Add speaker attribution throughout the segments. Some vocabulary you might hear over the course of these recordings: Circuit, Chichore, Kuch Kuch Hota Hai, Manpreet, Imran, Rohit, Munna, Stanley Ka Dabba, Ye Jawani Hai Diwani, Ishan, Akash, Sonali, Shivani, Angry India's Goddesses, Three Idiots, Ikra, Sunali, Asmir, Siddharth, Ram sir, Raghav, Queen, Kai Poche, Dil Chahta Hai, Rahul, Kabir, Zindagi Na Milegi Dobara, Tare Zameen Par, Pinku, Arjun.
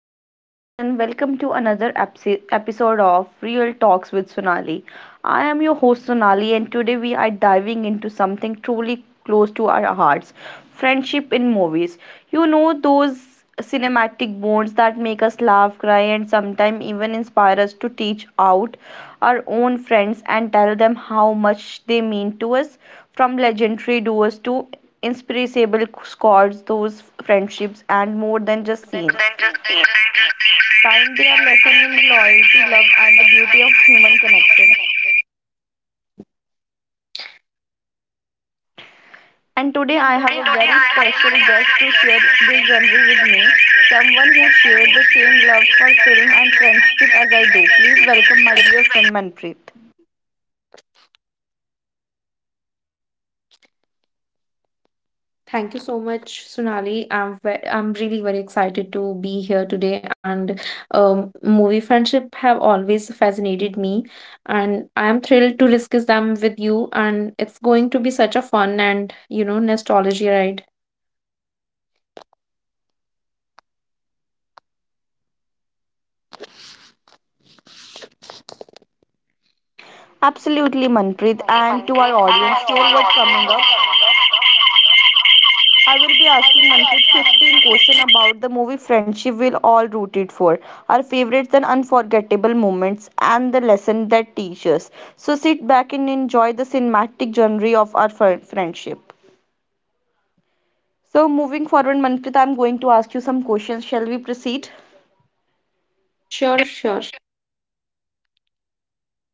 Speaker 1: Hello, everyone, and welcome to another episode of Real Talks with Sonali. I am your host Sonali, and today we are diving into something truly close to our hearts, friendship in movies. Those cinematic bonds that make us laugh, cry, and sometimes even inspire us to teach out our own friends and tell them how much they mean to us, from legendary duos to Inspirable squads, those friendships and more than just scenes. Time they are lesson in loyalty, love, and the beauty of human connection. And today I have a very special guest to share this journey with me, someone who shares the same love for film and friendship as I do. Please welcome my dear friend Manpreet.
Speaker 2: Thank you so much, Sunali. I'm really very excited to be here today. And Movie friendship have always fascinated me, and I am thrilled to discuss them with you. And it's going to be such a fun and nostalgia ride.
Speaker 1: Absolutely, Manpreet. And to our audience, here what's coming up. I will be asking Manpreet 15 questions about the movie Friendship We'll All Rooted For, our favorites and unforgettable moments, and the lesson that teaches. So sit back and enjoy the cinematic journey of our friendship. So moving forward, Manpreet, I'm going to ask you some questions. Shall we proceed?
Speaker 2: Sure, sure.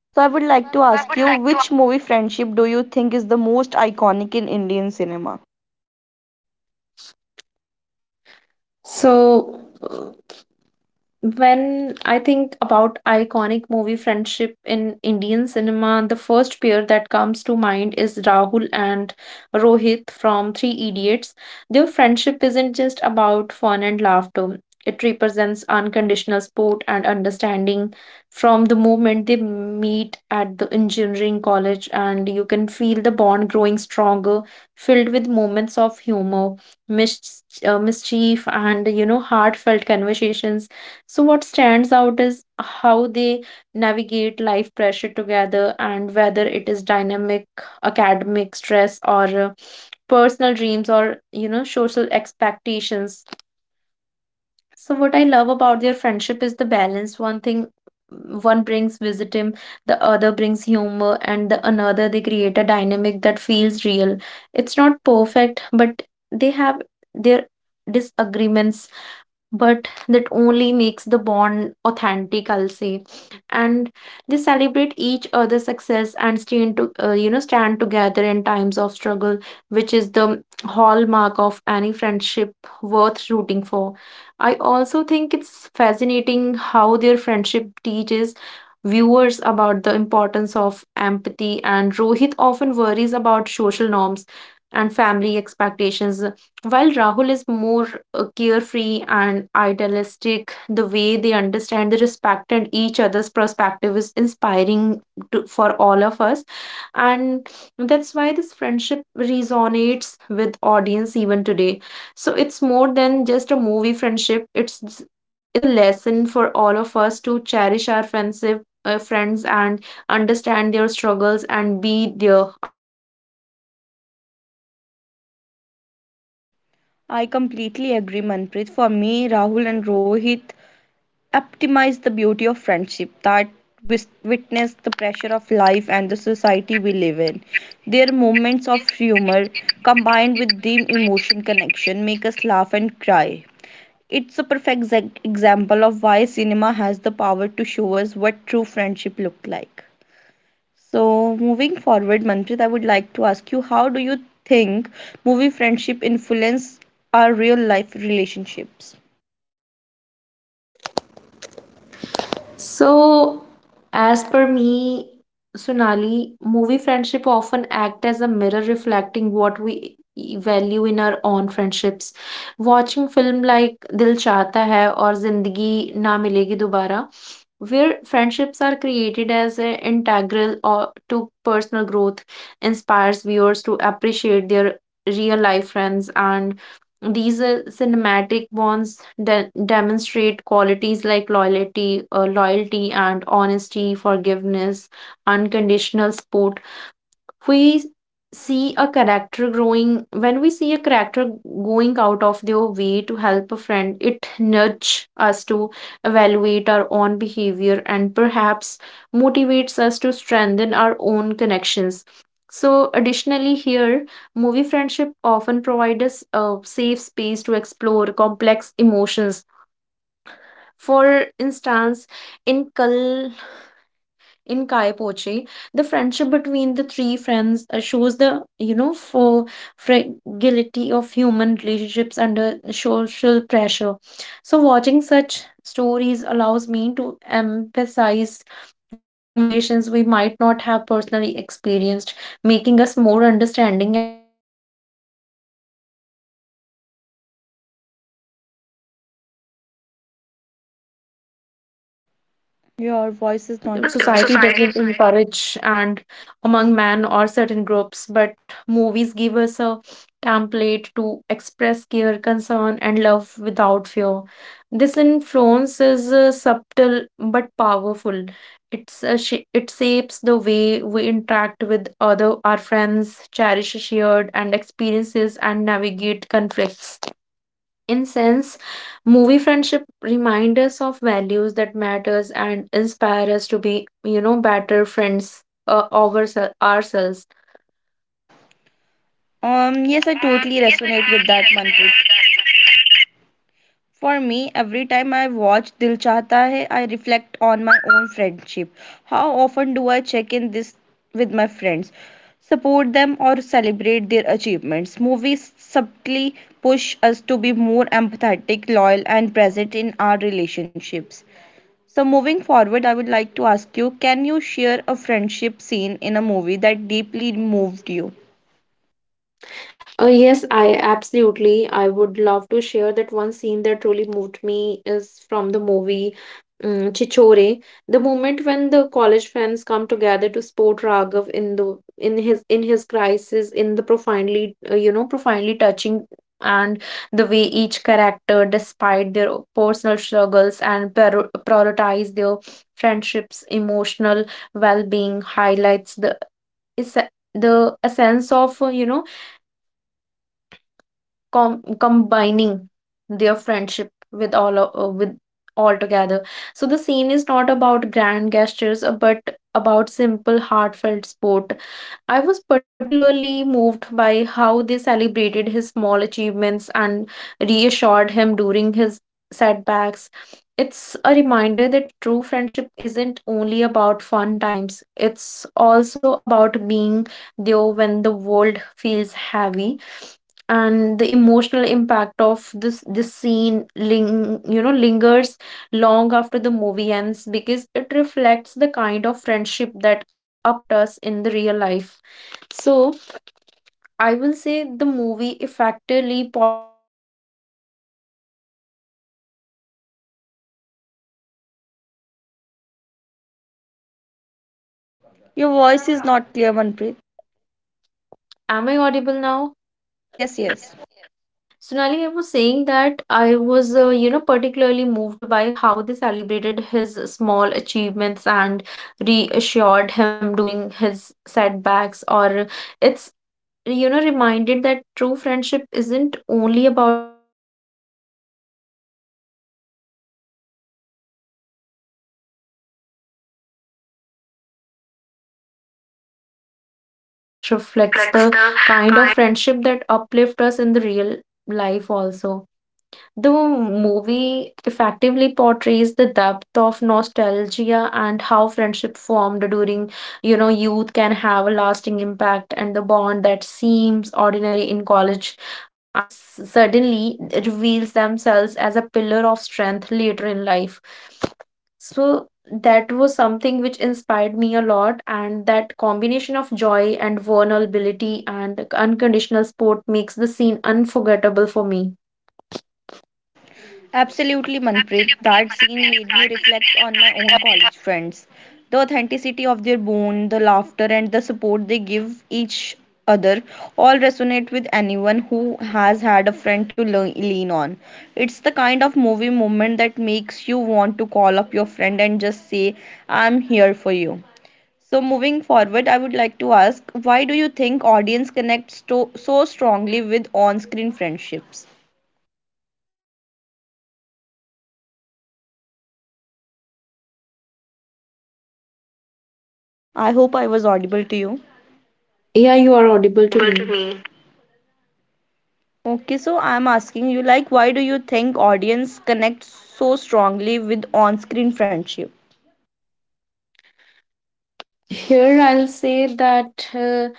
Speaker 1: So I would like to ask you, which movie Friendship do you think is the most iconic in Indian cinema?
Speaker 2: So. When I think about iconic movie friendship in Indian cinema, the first pair that comes to mind is Rahul and Rohit from Three Idiots. Their friendship isn't just about fun and laughter, it represents unconditional support and understanding from the moment they meet at the engineering college, and you can feel the bond growing stronger, filled with moments of humor, mischief, and you know, heartfelt conversations. So, what stands out is how they navigate life pressure together, and whether it is dynamic, academic stress, or personal dreams, or you know, social expectations. So, what I love about their friendship is the balance. One thing, one brings wisdom, the other brings humor, and the another they create a dynamic that feels real. It's not perfect, but they have their disagreements, but that only makes the bond authentic, I'll say. And they celebrate each other's success and stand to stand together in times of struggle, which is the hallmark of any friendship worth rooting for. I also think it's fascinating how their friendship teaches viewers about the importance of empathy, and Rohit often worries about social norms and family expectations, while Rahul is more carefree and idealistic. The way they understand, they respect, and each other's perspective is inspiring to, for all of us. And that's why this friendship resonates with audience even today. So it's more than just a movie friendship. It's a lesson for all of us to cherish our friendship, friends, and understand their struggles and be there unconditionally.
Speaker 1: I completely agree, Manpreet. For me, Rahul and Rohit
Speaker 2: Sonali, are
Speaker 1: optimize the
Speaker 2: we
Speaker 1: beauty of
Speaker 2: connected?
Speaker 1: friendship that witness the pressure of life and the society we live in. Their moments of humor combined with deep emotion connection make us laugh and cry. It's a perfect example of why cinema has the power to show us what true friendship look like. So, moving forward, Manpreet, I would like to ask you, how do you think movie friendship influence our real life relationships?
Speaker 2: So, as per me, Sonali, movie friendship often act as a mirror reflecting what value in our own friendships. Watching film like Dil Chahta Hai or Zindagi Na Milegi Dobara, where friendships are created as an integral or to personal growth, inspires viewers to appreciate their real life friends, and these cinematic bonds demonstrate qualities like loyalty and honesty, forgiveness, unconditional support. We see a character growing, when we see a character going out of their way to help a friend, it nudge us to evaluate our own behavior and perhaps motivates us to strengthen our own connections. So additionally here, movie friendship often provide us a safe space to explore complex emotions. For instance, in kal in Kai Poche, the friendship between the three friends shows the you know for fragility of human relationships under social pressure. So watching such stories allows me to emphasize with situations we might not have personally experienced, making us more understanding and patience in our own real friendship. So, moreover, these friendships often normalize expressing emotions openly, but
Speaker 1: Your voice
Speaker 2: sometimes
Speaker 1: is not clear.
Speaker 2: society
Speaker 1: Society.
Speaker 2: doesn't encourage and among men or certain groups, but movies give us a template to express care, concern, and love without fear. This influence is subtle but powerful. It shapes the way we interact with other our friends, cherish shared and experiences, and navigate conflicts. In sense, movie friendship remind us of values that matters and inspire us to be better friends over ourselves.
Speaker 1: Yes, I totally resonate with that, Manpreet. For me, every time I watch Dil Chahta Hai, I reflect on my own friendship. How often do I check in this with my friends, support them or celebrate their achievements? Movies subtly push us to be more empathetic, loyal and present in our relationships. So moving forward, I would like to ask you, can you share a friendship scene in a movie that deeply moved you?
Speaker 2: Yes, I absolutely. I would love to share that one scene that really moved me is from the movie Chichore. The moment when the college friends come together to support Raghav in his crisis, in the profoundly profoundly touching, and the way each character, despite their personal struggles and prioritize their friendships, emotional well-being, highlights the is the a sense of combining their friendship with with all together. So the scene is not about grand gestures but about simple heartfelt sport. I was particularly moved by how they celebrated his small achievements and reassured him during his setbacks. It's a reminder that true friendship isn't only about fun times, it's also about being there when the world feels heavy. And the emotional impact of this scene lingers long after the movie ends because it reflects the kind of friendship that uplift us in the real life. So, I will say the movie effectively portrays the depth of nostalgia and how friendship formed during young can have a lasting impact. The bond that
Speaker 1: Your
Speaker 2: seem
Speaker 1: voice is
Speaker 2: ordinary in
Speaker 1: not clear,
Speaker 2: college.
Speaker 1: Manpreet.
Speaker 2: Am I audible now?
Speaker 1: Yes, yes.
Speaker 2: Sonali, I was saying that I was, particularly moved by how they celebrated his small achievements and reassured him during his setbacks. Or it's reminded that true friendship isn't only about fun times, it's also about being there when the world feels heavy. So the emotional impact of the scene lingers long after the movie ends because it reflects the
Speaker 1: Reflects the.
Speaker 2: kind of friendship that uplift us in the real life. Also, the movie effectively portrays the depth of nostalgia and how friendship formed during, you know, youth can have a lasting impact, and the bond that seems ordinary in college and suddenly reveals themselves as a pillar of strength later in life. So that was something which inspired me a lot, and that combination of joy and vulnerability and unconditional support makes the scene unforgettable for me.
Speaker 1: Absolutely, Manpreet. That scene made me reflect on my own college friends. The authenticity of their bond, the laughter, and the support they give each other all resonate with anyone who has had a friend to learn, lean on. It's the kind of movie moment that makes you want to call up your friend and just say, I'm here for you. So, moving forward, I would like to ask, why do you think audience connects to, so strongly with on screen friendships? I hope I was audible to you.
Speaker 2: Yeah, you are audible to
Speaker 1: Able to
Speaker 2: me.
Speaker 1: me. Okay, so I'm asking you, like, why do you think audience connect so strongly with on-screen friendship?
Speaker 2: Here, I'll say that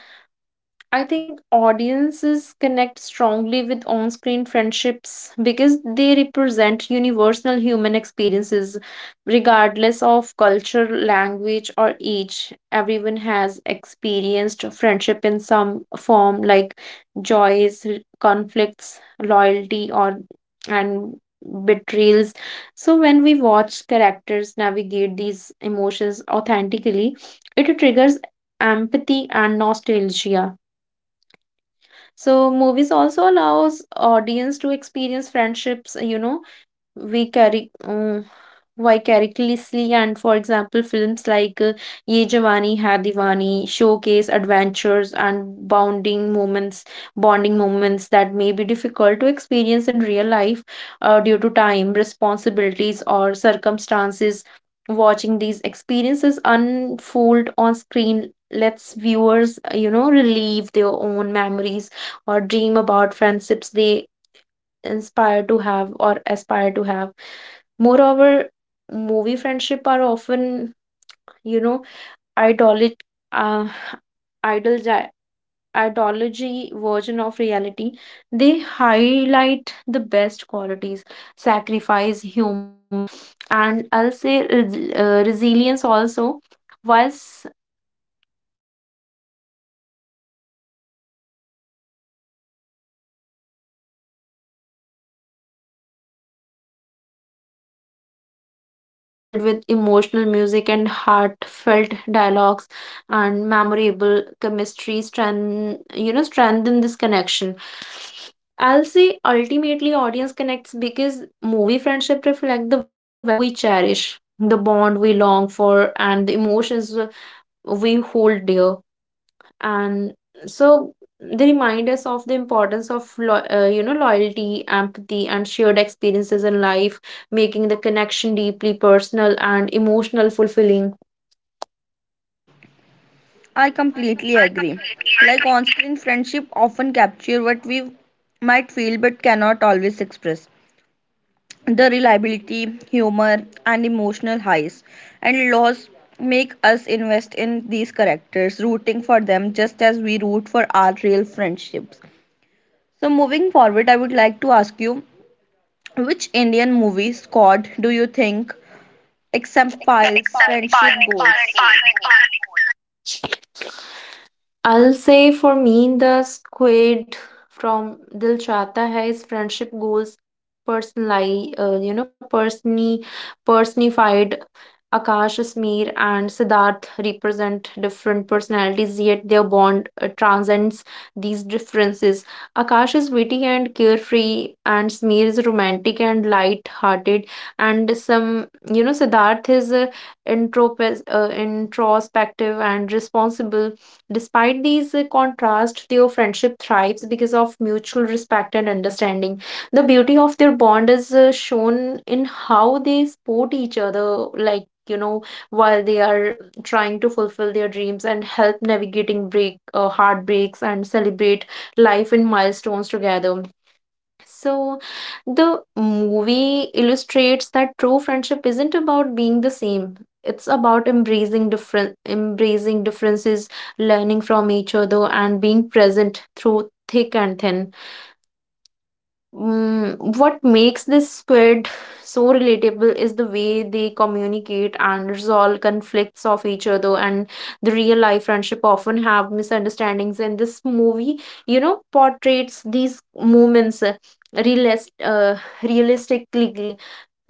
Speaker 2: I think audiences connect strongly with on screen friendships because they represent universal human experiences, regardless of culture, language, or age. Everyone has experienced friendship in some form, like joys, conflicts, loyalty, or and betrayals. So, when we watch characters navigate these emotions authentically, it triggers empathy and nostalgia. So movies also allows audience to experience friendships, you know, we carry vicariously. And for example films like Ye Jawani Hai Diwani showcase adventures and bonding moments that may be difficult to experience in real life due to time responsibilities or circumstances. Watching these experiences unfold on screen lets viewers relive their own memories or dream about friendships they inspire to have or aspire to have. Moreover, movie friendship are often, you know, idolic, uh, idolgi- ideology version of reality. They highlight the best qualities, sacrifice, humor, and I'll say resilience also. Whilst so, while still showing flaws, the balance makes them relatable yet aspirational. The cinematic storytelling, coupled with emotional music and heartfelt dialogues and memorable chemistry, strengthen you know strengthen this connection. I'll say ultimately, audience connects because movie friendship reflect the value we cherish, the bond we long for, and the emotions we hold dear. And so they remind us of the importance of loyalty, empathy, and shared experiences in life, making the connection deeply personal and emotional fulfilling.
Speaker 1: I completely agree. Like on-screen friendship often capture what we might feel but cannot always express. The reliability, humor and emotional highs and lows make us invest in these characters, rooting for them just as we root for our real friendships. So moving forward, I would like to ask you, which Indian movie, Squad, do you think exemplifies friendship goals?
Speaker 2: I'll say for me the squid from Dil Chata Hai is friendship goals. Personally personally personified. Akash, Asmir, and Siddharth represent different personalities, yet their bond transcends these differences. Akash is witty and carefree, and Smeer is romantic and light-hearted, and some, you know, Siddharth is introspective and responsible. Despite these contrasts, their friendship thrives because of mutual respect and understanding. The beauty of their bond is shown in how they support each other, like you know, while they are trying to fulfill their dreams and help navigating break heartbreaks, and celebrate life in milestones together. So the movie illustrates that true friendship isn't about being the same, it's about embracing differences, learning from each other and being present through thick and thin. Mm, what makes this squid so relatable is the way they communicate and resolve conflicts of each other. And the real life friendship often have misunderstandings, and this movie you know portrays these moments realist uh, realistically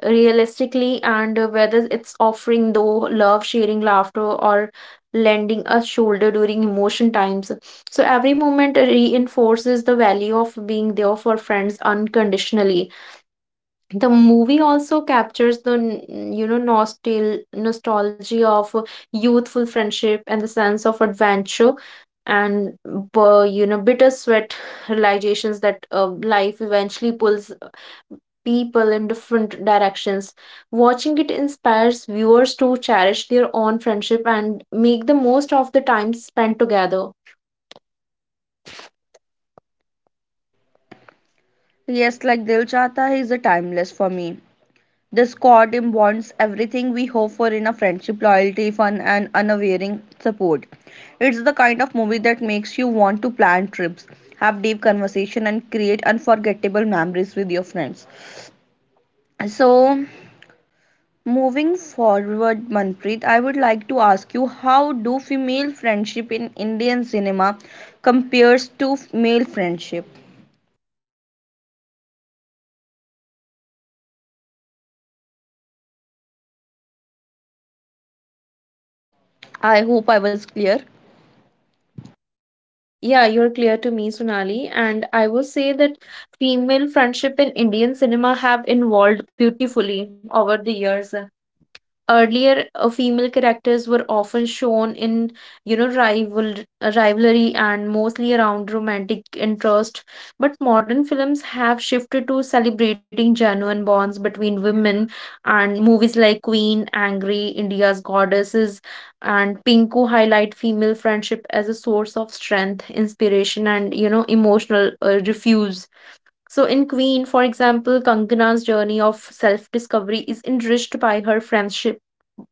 Speaker 2: and whether it's offering though love, sharing laughter, or lending a shoulder during emotion times. So every moment reinforces the value of being there for friends unconditionally. The movie also captures the nostalgia of youthful friendship and the sense of adventure, and bittersweet realizations that life eventually pulls people in different directions. Watching it inspires viewers to cherish their own friendship and make the most of the time spent together.
Speaker 1: Yes, like Dil Chahta Hai is a timeless for me. The squad embodies everything we hope for in a friendship, loyalty, fun, and unwavering support. It's the kind of movie that makes you want to plan trips, have deep conversation, and create unforgettable memories with your friends. So, moving forward, Manpreet, I would like to ask you, how do female friendship in Indian cinema compares to male friendship? I hope I was clear.
Speaker 2: Yeah, you're clear to me, Sunali. And I will say that female friendship in Indian cinema have evolved beautifully over the years. Earlier, female characters were often shown in, you know, rivalry and mostly around romantic interest. But modern films have shifted to celebrating genuine bonds between women, and movies like Queen, Angry, India's Goddesses, and Pinku highlight female friendship as a source of strength, inspiration, and you know, emotional refuge. So, in Queen, for example, Kankana's journey of self discovery is enriched by her friendship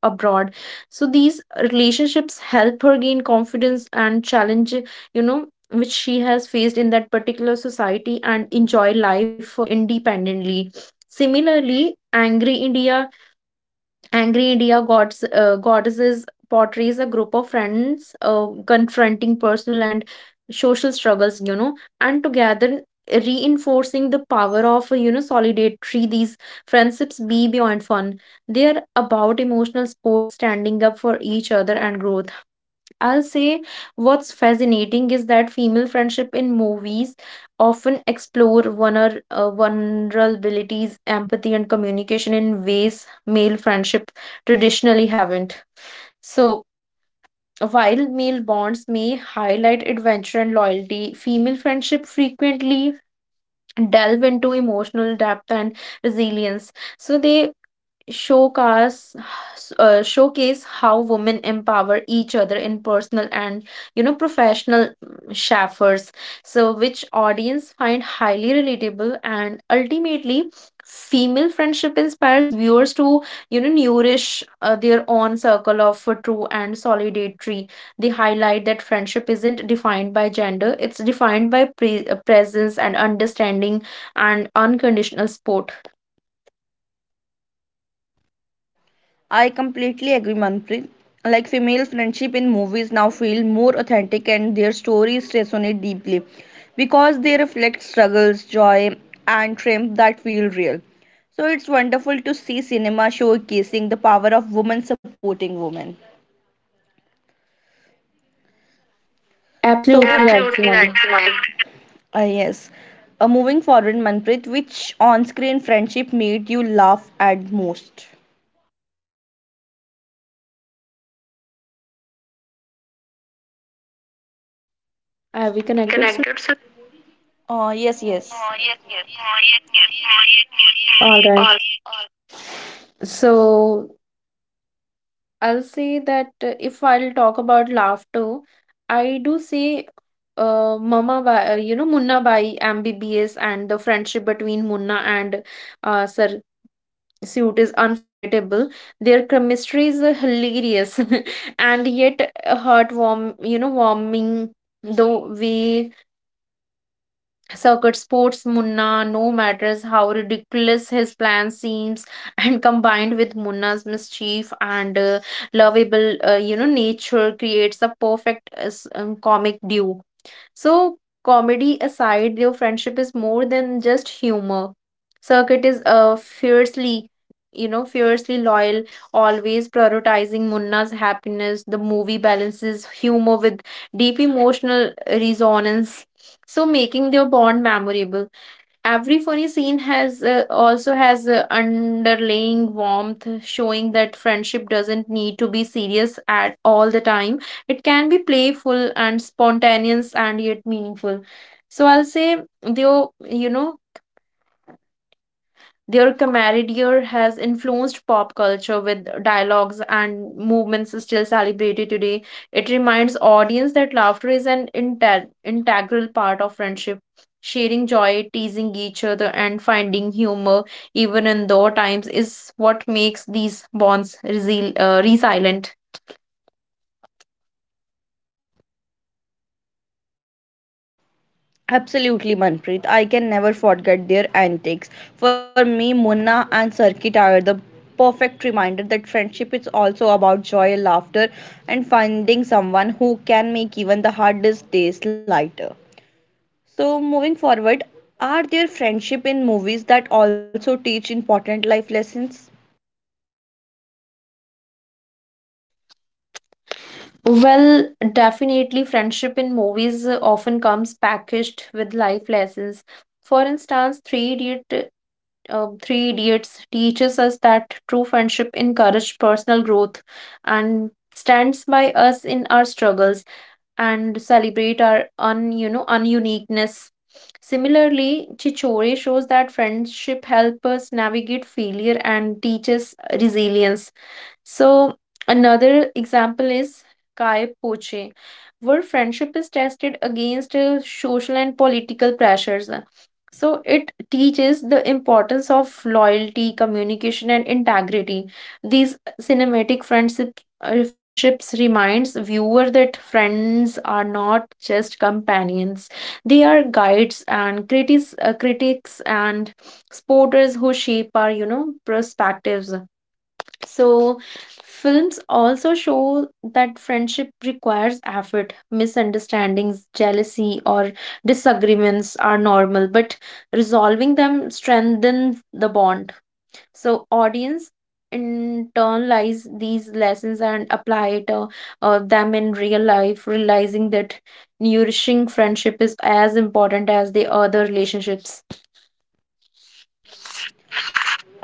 Speaker 2: abroad. So, these relationships help her gain confidence and challenge, you know, which she has faced in that particular society and enjoy life independently. Similarly, Angry India Gods, Goddesses portrays a group of friends confronting personal and social struggles, you know, and together reinforcing the power of, you know, solidarity. These friendships be beyond fun. They are about emotional support, standing up for each other, and growth. I'll say what's fascinating is that female friendship in movies often explore vulnerabilities, empathy, and communication in ways male friendship traditionally haven't. So, while male bonds may highlight adventure and loyalty, female friendship frequently delve into emotional depth and resilience. So, they showcase showcase how women empower each other in personal and you know professional so which audience find highly relatable and ultimately female friendship inspires viewers to you know nourish their own circle of true and solidarity. They highlight that friendship isn't defined by gender; it's defined by presence and understanding and unconditional support.
Speaker 1: I completely agree, Manpreet. Like female friendship in movies now feel more authentic and their stories resonate deeply because they reflect struggles, joy, and triumph that feel real. So it's wonderful to see cinema showcasing the power of women supporting women. So
Speaker 2: Absolutely right,
Speaker 1: absolutely right,
Speaker 2: Shivani.
Speaker 1: Sonali. Yes. Moving forward, Manpreet, which on-screen friendship made you laugh at most?
Speaker 2: Are we connected? So,
Speaker 1: Connected. So. Yes, yes. Oh, yes, yes. Oh, yes, yes. Oh, yes, yes.
Speaker 2: all
Speaker 1: Oh,
Speaker 2: right.
Speaker 1: yes. Oh.
Speaker 2: So I'll say that if I'll talk about laughter, I do say Mama Bai, you know, Munna Bai, MBBS, and the friendship between Munna and Sir Suit is unforgettable. Their chemistry is hilarious and yet warming the way Circuit sports Munna, no matters how ridiculous his plan seems, and combined with Munna's mischief and lovable, nature creates a perfect comic duo. So, comedy aside, their friendship is more than just humor. Circuit is fiercely loyal, always prioritizing Munna's happiness. The movie balances humor with deep emotional resonance, so making their bond memorable. Every funny scene has also has a underlying warmth, showing that friendship doesn't need to be serious at all the time. It can be playful and spontaneous and yet meaningful. So I'll say, though, you know, their camaraderie has influenced pop culture with dialogues and movements still celebrated today. It reminds audience that laughter is an integral part of friendship. Sharing joy, teasing each other, and finding humor even in low times is what makes these bonds resilient.
Speaker 1: Absolutely, Manpreet. I can never forget their antics. For me, Munna and Circuit are the perfect reminder that friendship is also about joy, laughter, and finding someone who can make even the hardest days lighter. So, moving forward, are there friendship in movies that also teach important life lessons?
Speaker 2: Well, definitely, friendship in movies often comes packaged with life lessons. For instance, Three Idiots teaches us that true friendship encourages personal growth and stands by us in our struggles and celebrate our un you know ununiqueness. Similarly, Chichore shows that friendship helps us navigate failure and teaches resilience. So another example is Kai Poche, where friendship is tested against social and political pressures. So it teaches the importance of loyalty, communication, and integrity. These cinematic friendship friendships reminds viewer that friends are not just companions; they are guides and critics, critics and supporters who shape our you know perspectives. So, films also show that friendship requires effort. Misunderstandings, jealousy, or disagreements are normal, but resolving them strengthens the bond. So, audience internalize these lessons and apply them in real life, realizing that nourishing friendship is as important as the other relationships.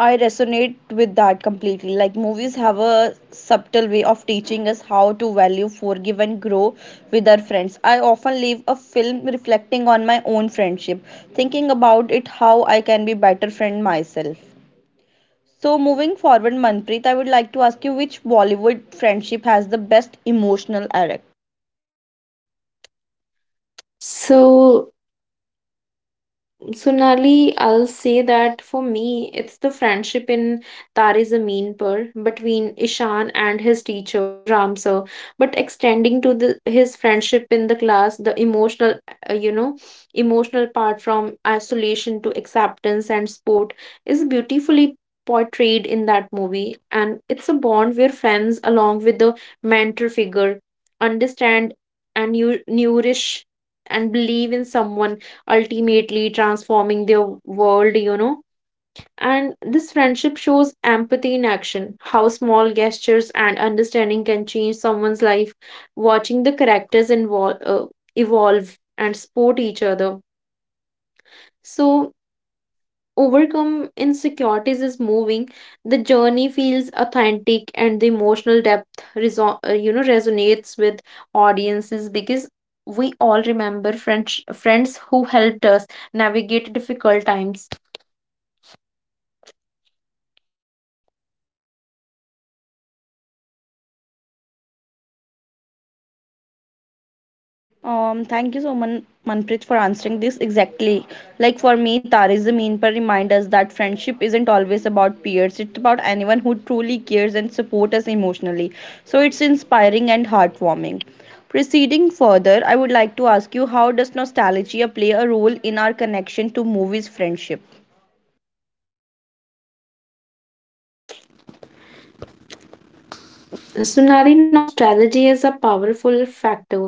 Speaker 1: I resonate with that completely. Like, movies have a subtle way of teaching us how to value, forgive, and grow with our friends. I often leave a film reflecting on my own friendship, thinking about it how I can be better friend myself. So moving forward, Manpreet, I would like to ask you, which Bollywood friendship has the best emotional arc?
Speaker 2: So, Sonali, I'll say that for me, it's the friendship in Tare Zameen Par between Ishan and his teacher, Ram sir, but extending to the, his friendship in the class, the uh, you know, emotional part from isolation to acceptance and sport is beautifully portrayed in that movie. And it's a bond where friends, along with the mentor figure, understand and you nourish and believe in someone, ultimately transforming their world, you know. And this friendship shows empathy in action, how small gestures and understanding can change someone's life. Watching the evolve and support each other. So, overcome insecurities is moving. The journey feels authentic and the emotional depth resonates with audiences because we all remember friends who helped us navigate difficult times.
Speaker 1: Thank you so much, Manpreet, for answering this exactly. Like for me, Tare Zameen Par reminds us that friendship isn't
Speaker 2: Are we
Speaker 1: always
Speaker 2: connected,
Speaker 1: about peers.
Speaker 2: Sunali?
Speaker 1: It's about anyone who truly cares and supports us emotionally. So it's inspiring and heartwarming. Proceeding further, I would like to ask you, how does nostalgia play a role in our connection to movies friendship?
Speaker 2: Sunali, nostalgia is a powerful factor.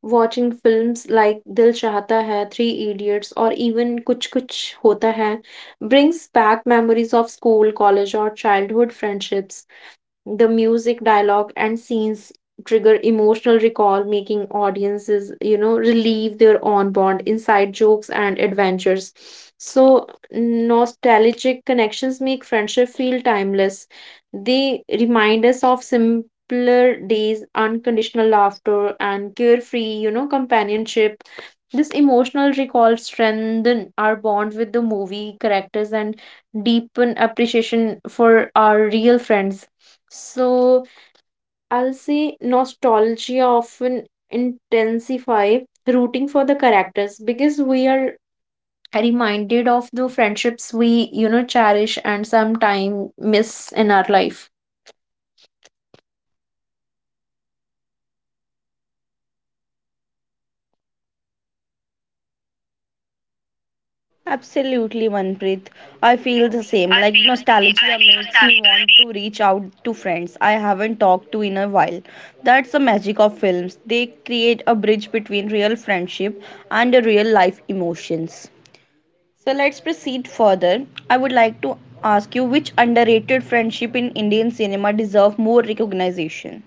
Speaker 2: Watching films like Dil Chahta Hai, Three Idiots, or even Kuch Kuch Hota Hai brings back memories of school, college, or childhood friendships. The music, dialogue, and scenes trigger emotional recall, making audiences, you know, relieve their own bond, inside jokes, and adventures. So, nostalgic connections make friendship feel timeless. They remind us of simpler days, unconditional laughter, and carefree, you know, companionship. This emotional recall strengthen our bond with the movie characters and deepen appreciation for our real friends. So I'll say nostalgia often intensify rooting for the characters because we are reminded of the friendships we you know cherish and sometime miss in our life.
Speaker 1: Absolutely, Manpreet. I feel the same. Like nostalgia makes me want to reach out to friends I haven't talked to in a while. That's the magic of films. They create a bridge between real friendship and the real life emotions. So let's proceed further. I would like to ask you, which underrated friendship in Indian cinema deserve more recognition?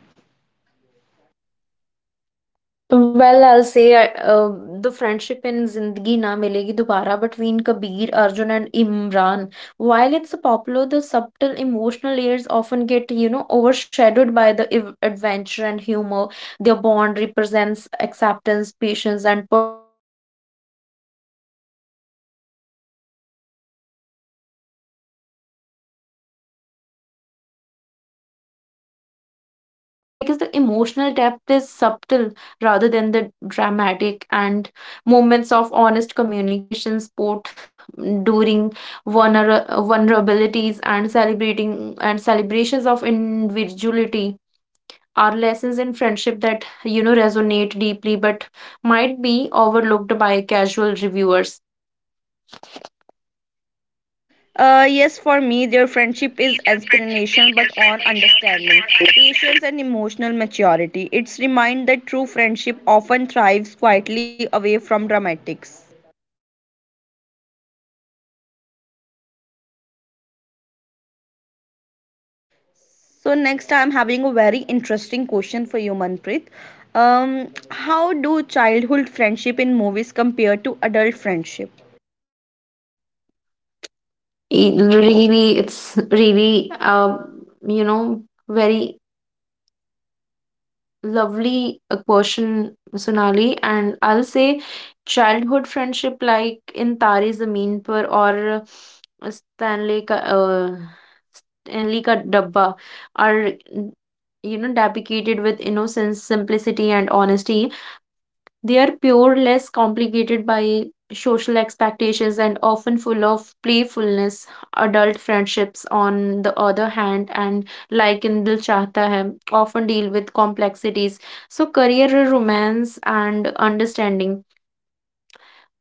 Speaker 2: Well, I'll say the friendship in Zindagi Na Milegi Dobara between Kabir, Arjun, and Imran. While it's popular, the subtle emotional layers often get, you know, overshadowed by the adventure and humor. Their bond represents acceptance, patience, and personal growth. But each friend challenges the other to confront fears, follow passions, and embrace life fully. So it understands because the emotional depth is subtle rather than the dramatic, and moments of honest communication support during vulnerabilities and celebrating and celebrations of individuality are lessons in friendship that you know resonate deeply, but might be overlooked by casual reviewers.
Speaker 1: Yes, for me, their friendship is inspiration but on understanding, patience, and emotional maturity. It's remind that true friendship often thrives quietly away from dramatics. So next, I'm having a very interesting question for you, Manpreet. How do childhood friendship in movies compare to adult friendship?
Speaker 2: E- really it's really you know very lovely question, Sonali. And I'll say childhood friendship like in Tare Zameen Par or uh, Stanley Ka, uh, Stanley Ka Dabba are, you know, dedicated with innocence, simplicity, and honesty. They are pure, less complicated by social expectations, and often full of playfulness. Adult friendships, on the other hand, and like in Dil Chahta Hai, often deal with complexities. So, career, romance, and understanding.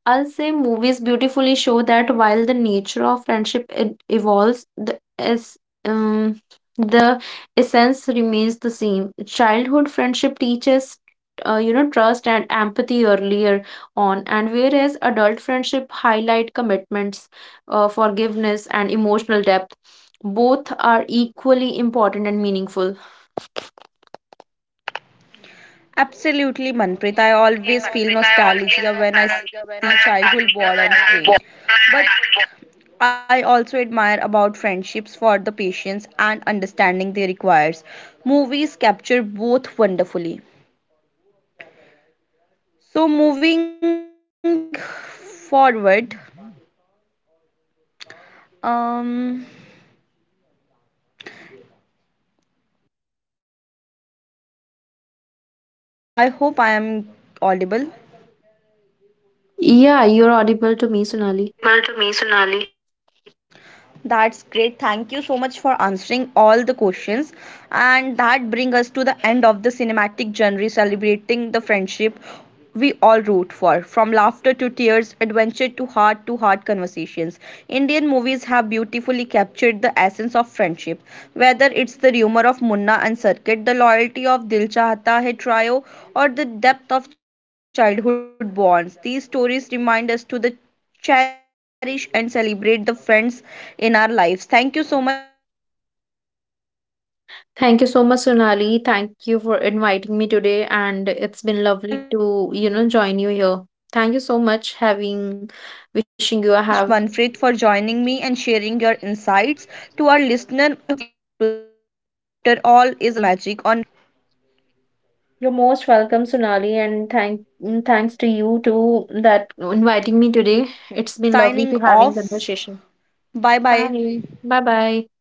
Speaker 2: I'll say movies beautifully show that while the nature of friendship it evolves, um, the essence remains the same. Childhood friendship teaches, you know, trust and empathy earlier on, and whereas adult friendship highlight commitments, forgiveness, and emotional depth. Both are equally important and meaningful.
Speaker 1: Absolutely, Manpreet. I always feel nostalgia when I see childhood war on screen. But I also admire about friendships for the patience and understanding they requires. Movies capture both wonderfully. So moving forward, um, I hope I am audible.
Speaker 2: Yeah, you're audible to me, Sonali.
Speaker 1: Well, to me, Sonali. That's great. Thank you so much for answering all the questions. And that brings us to the end of the cinematic genre celebrating the friendship we all root for. From laughter to tears, adventure to heart conversations. Indian movies have beautifully captured the essence of friendship. Whether it's the rumor of Munna and Circuit, the loyalty of Dil Chahta Hai trio, or the depth of childhood bonds, these stories remind us to the cherish and celebrate the friends in our lives. Thank you so much, Manfred, for joining me and sharing your insights.
Speaker 2: Thank you
Speaker 1: To our
Speaker 2: so much,
Speaker 1: listener,
Speaker 2: Sonali.
Speaker 1: I
Speaker 2: Thank
Speaker 1: hope
Speaker 2: you
Speaker 1: this
Speaker 2: for
Speaker 1: episode
Speaker 2: inviting me
Speaker 1: inspire you
Speaker 2: today,
Speaker 1: to reach
Speaker 2: and
Speaker 1: out
Speaker 2: it's
Speaker 1: to the
Speaker 2: been lovely
Speaker 1: friends,
Speaker 2: to, you know,
Speaker 1: relive
Speaker 2: join
Speaker 1: those
Speaker 2: you here.
Speaker 1: memories, and
Speaker 2: Thank you
Speaker 1: maybe
Speaker 2: so much
Speaker 1: even watch some
Speaker 2: having,
Speaker 1: of these
Speaker 2: wishing you a
Speaker 1: unforgettable
Speaker 2: have.
Speaker 1: films together. Friendship, after all, is a real magic on screen in a real life. Thank you so much, Manpreet.
Speaker 2: You're most welcome, Sonali, and thanks to you too that inviting me today. It's been lovely to having conversation.
Speaker 1: Signing off.
Speaker 2: Bye. Bye
Speaker 1: Bye
Speaker 2: bye.
Speaker 1: bye.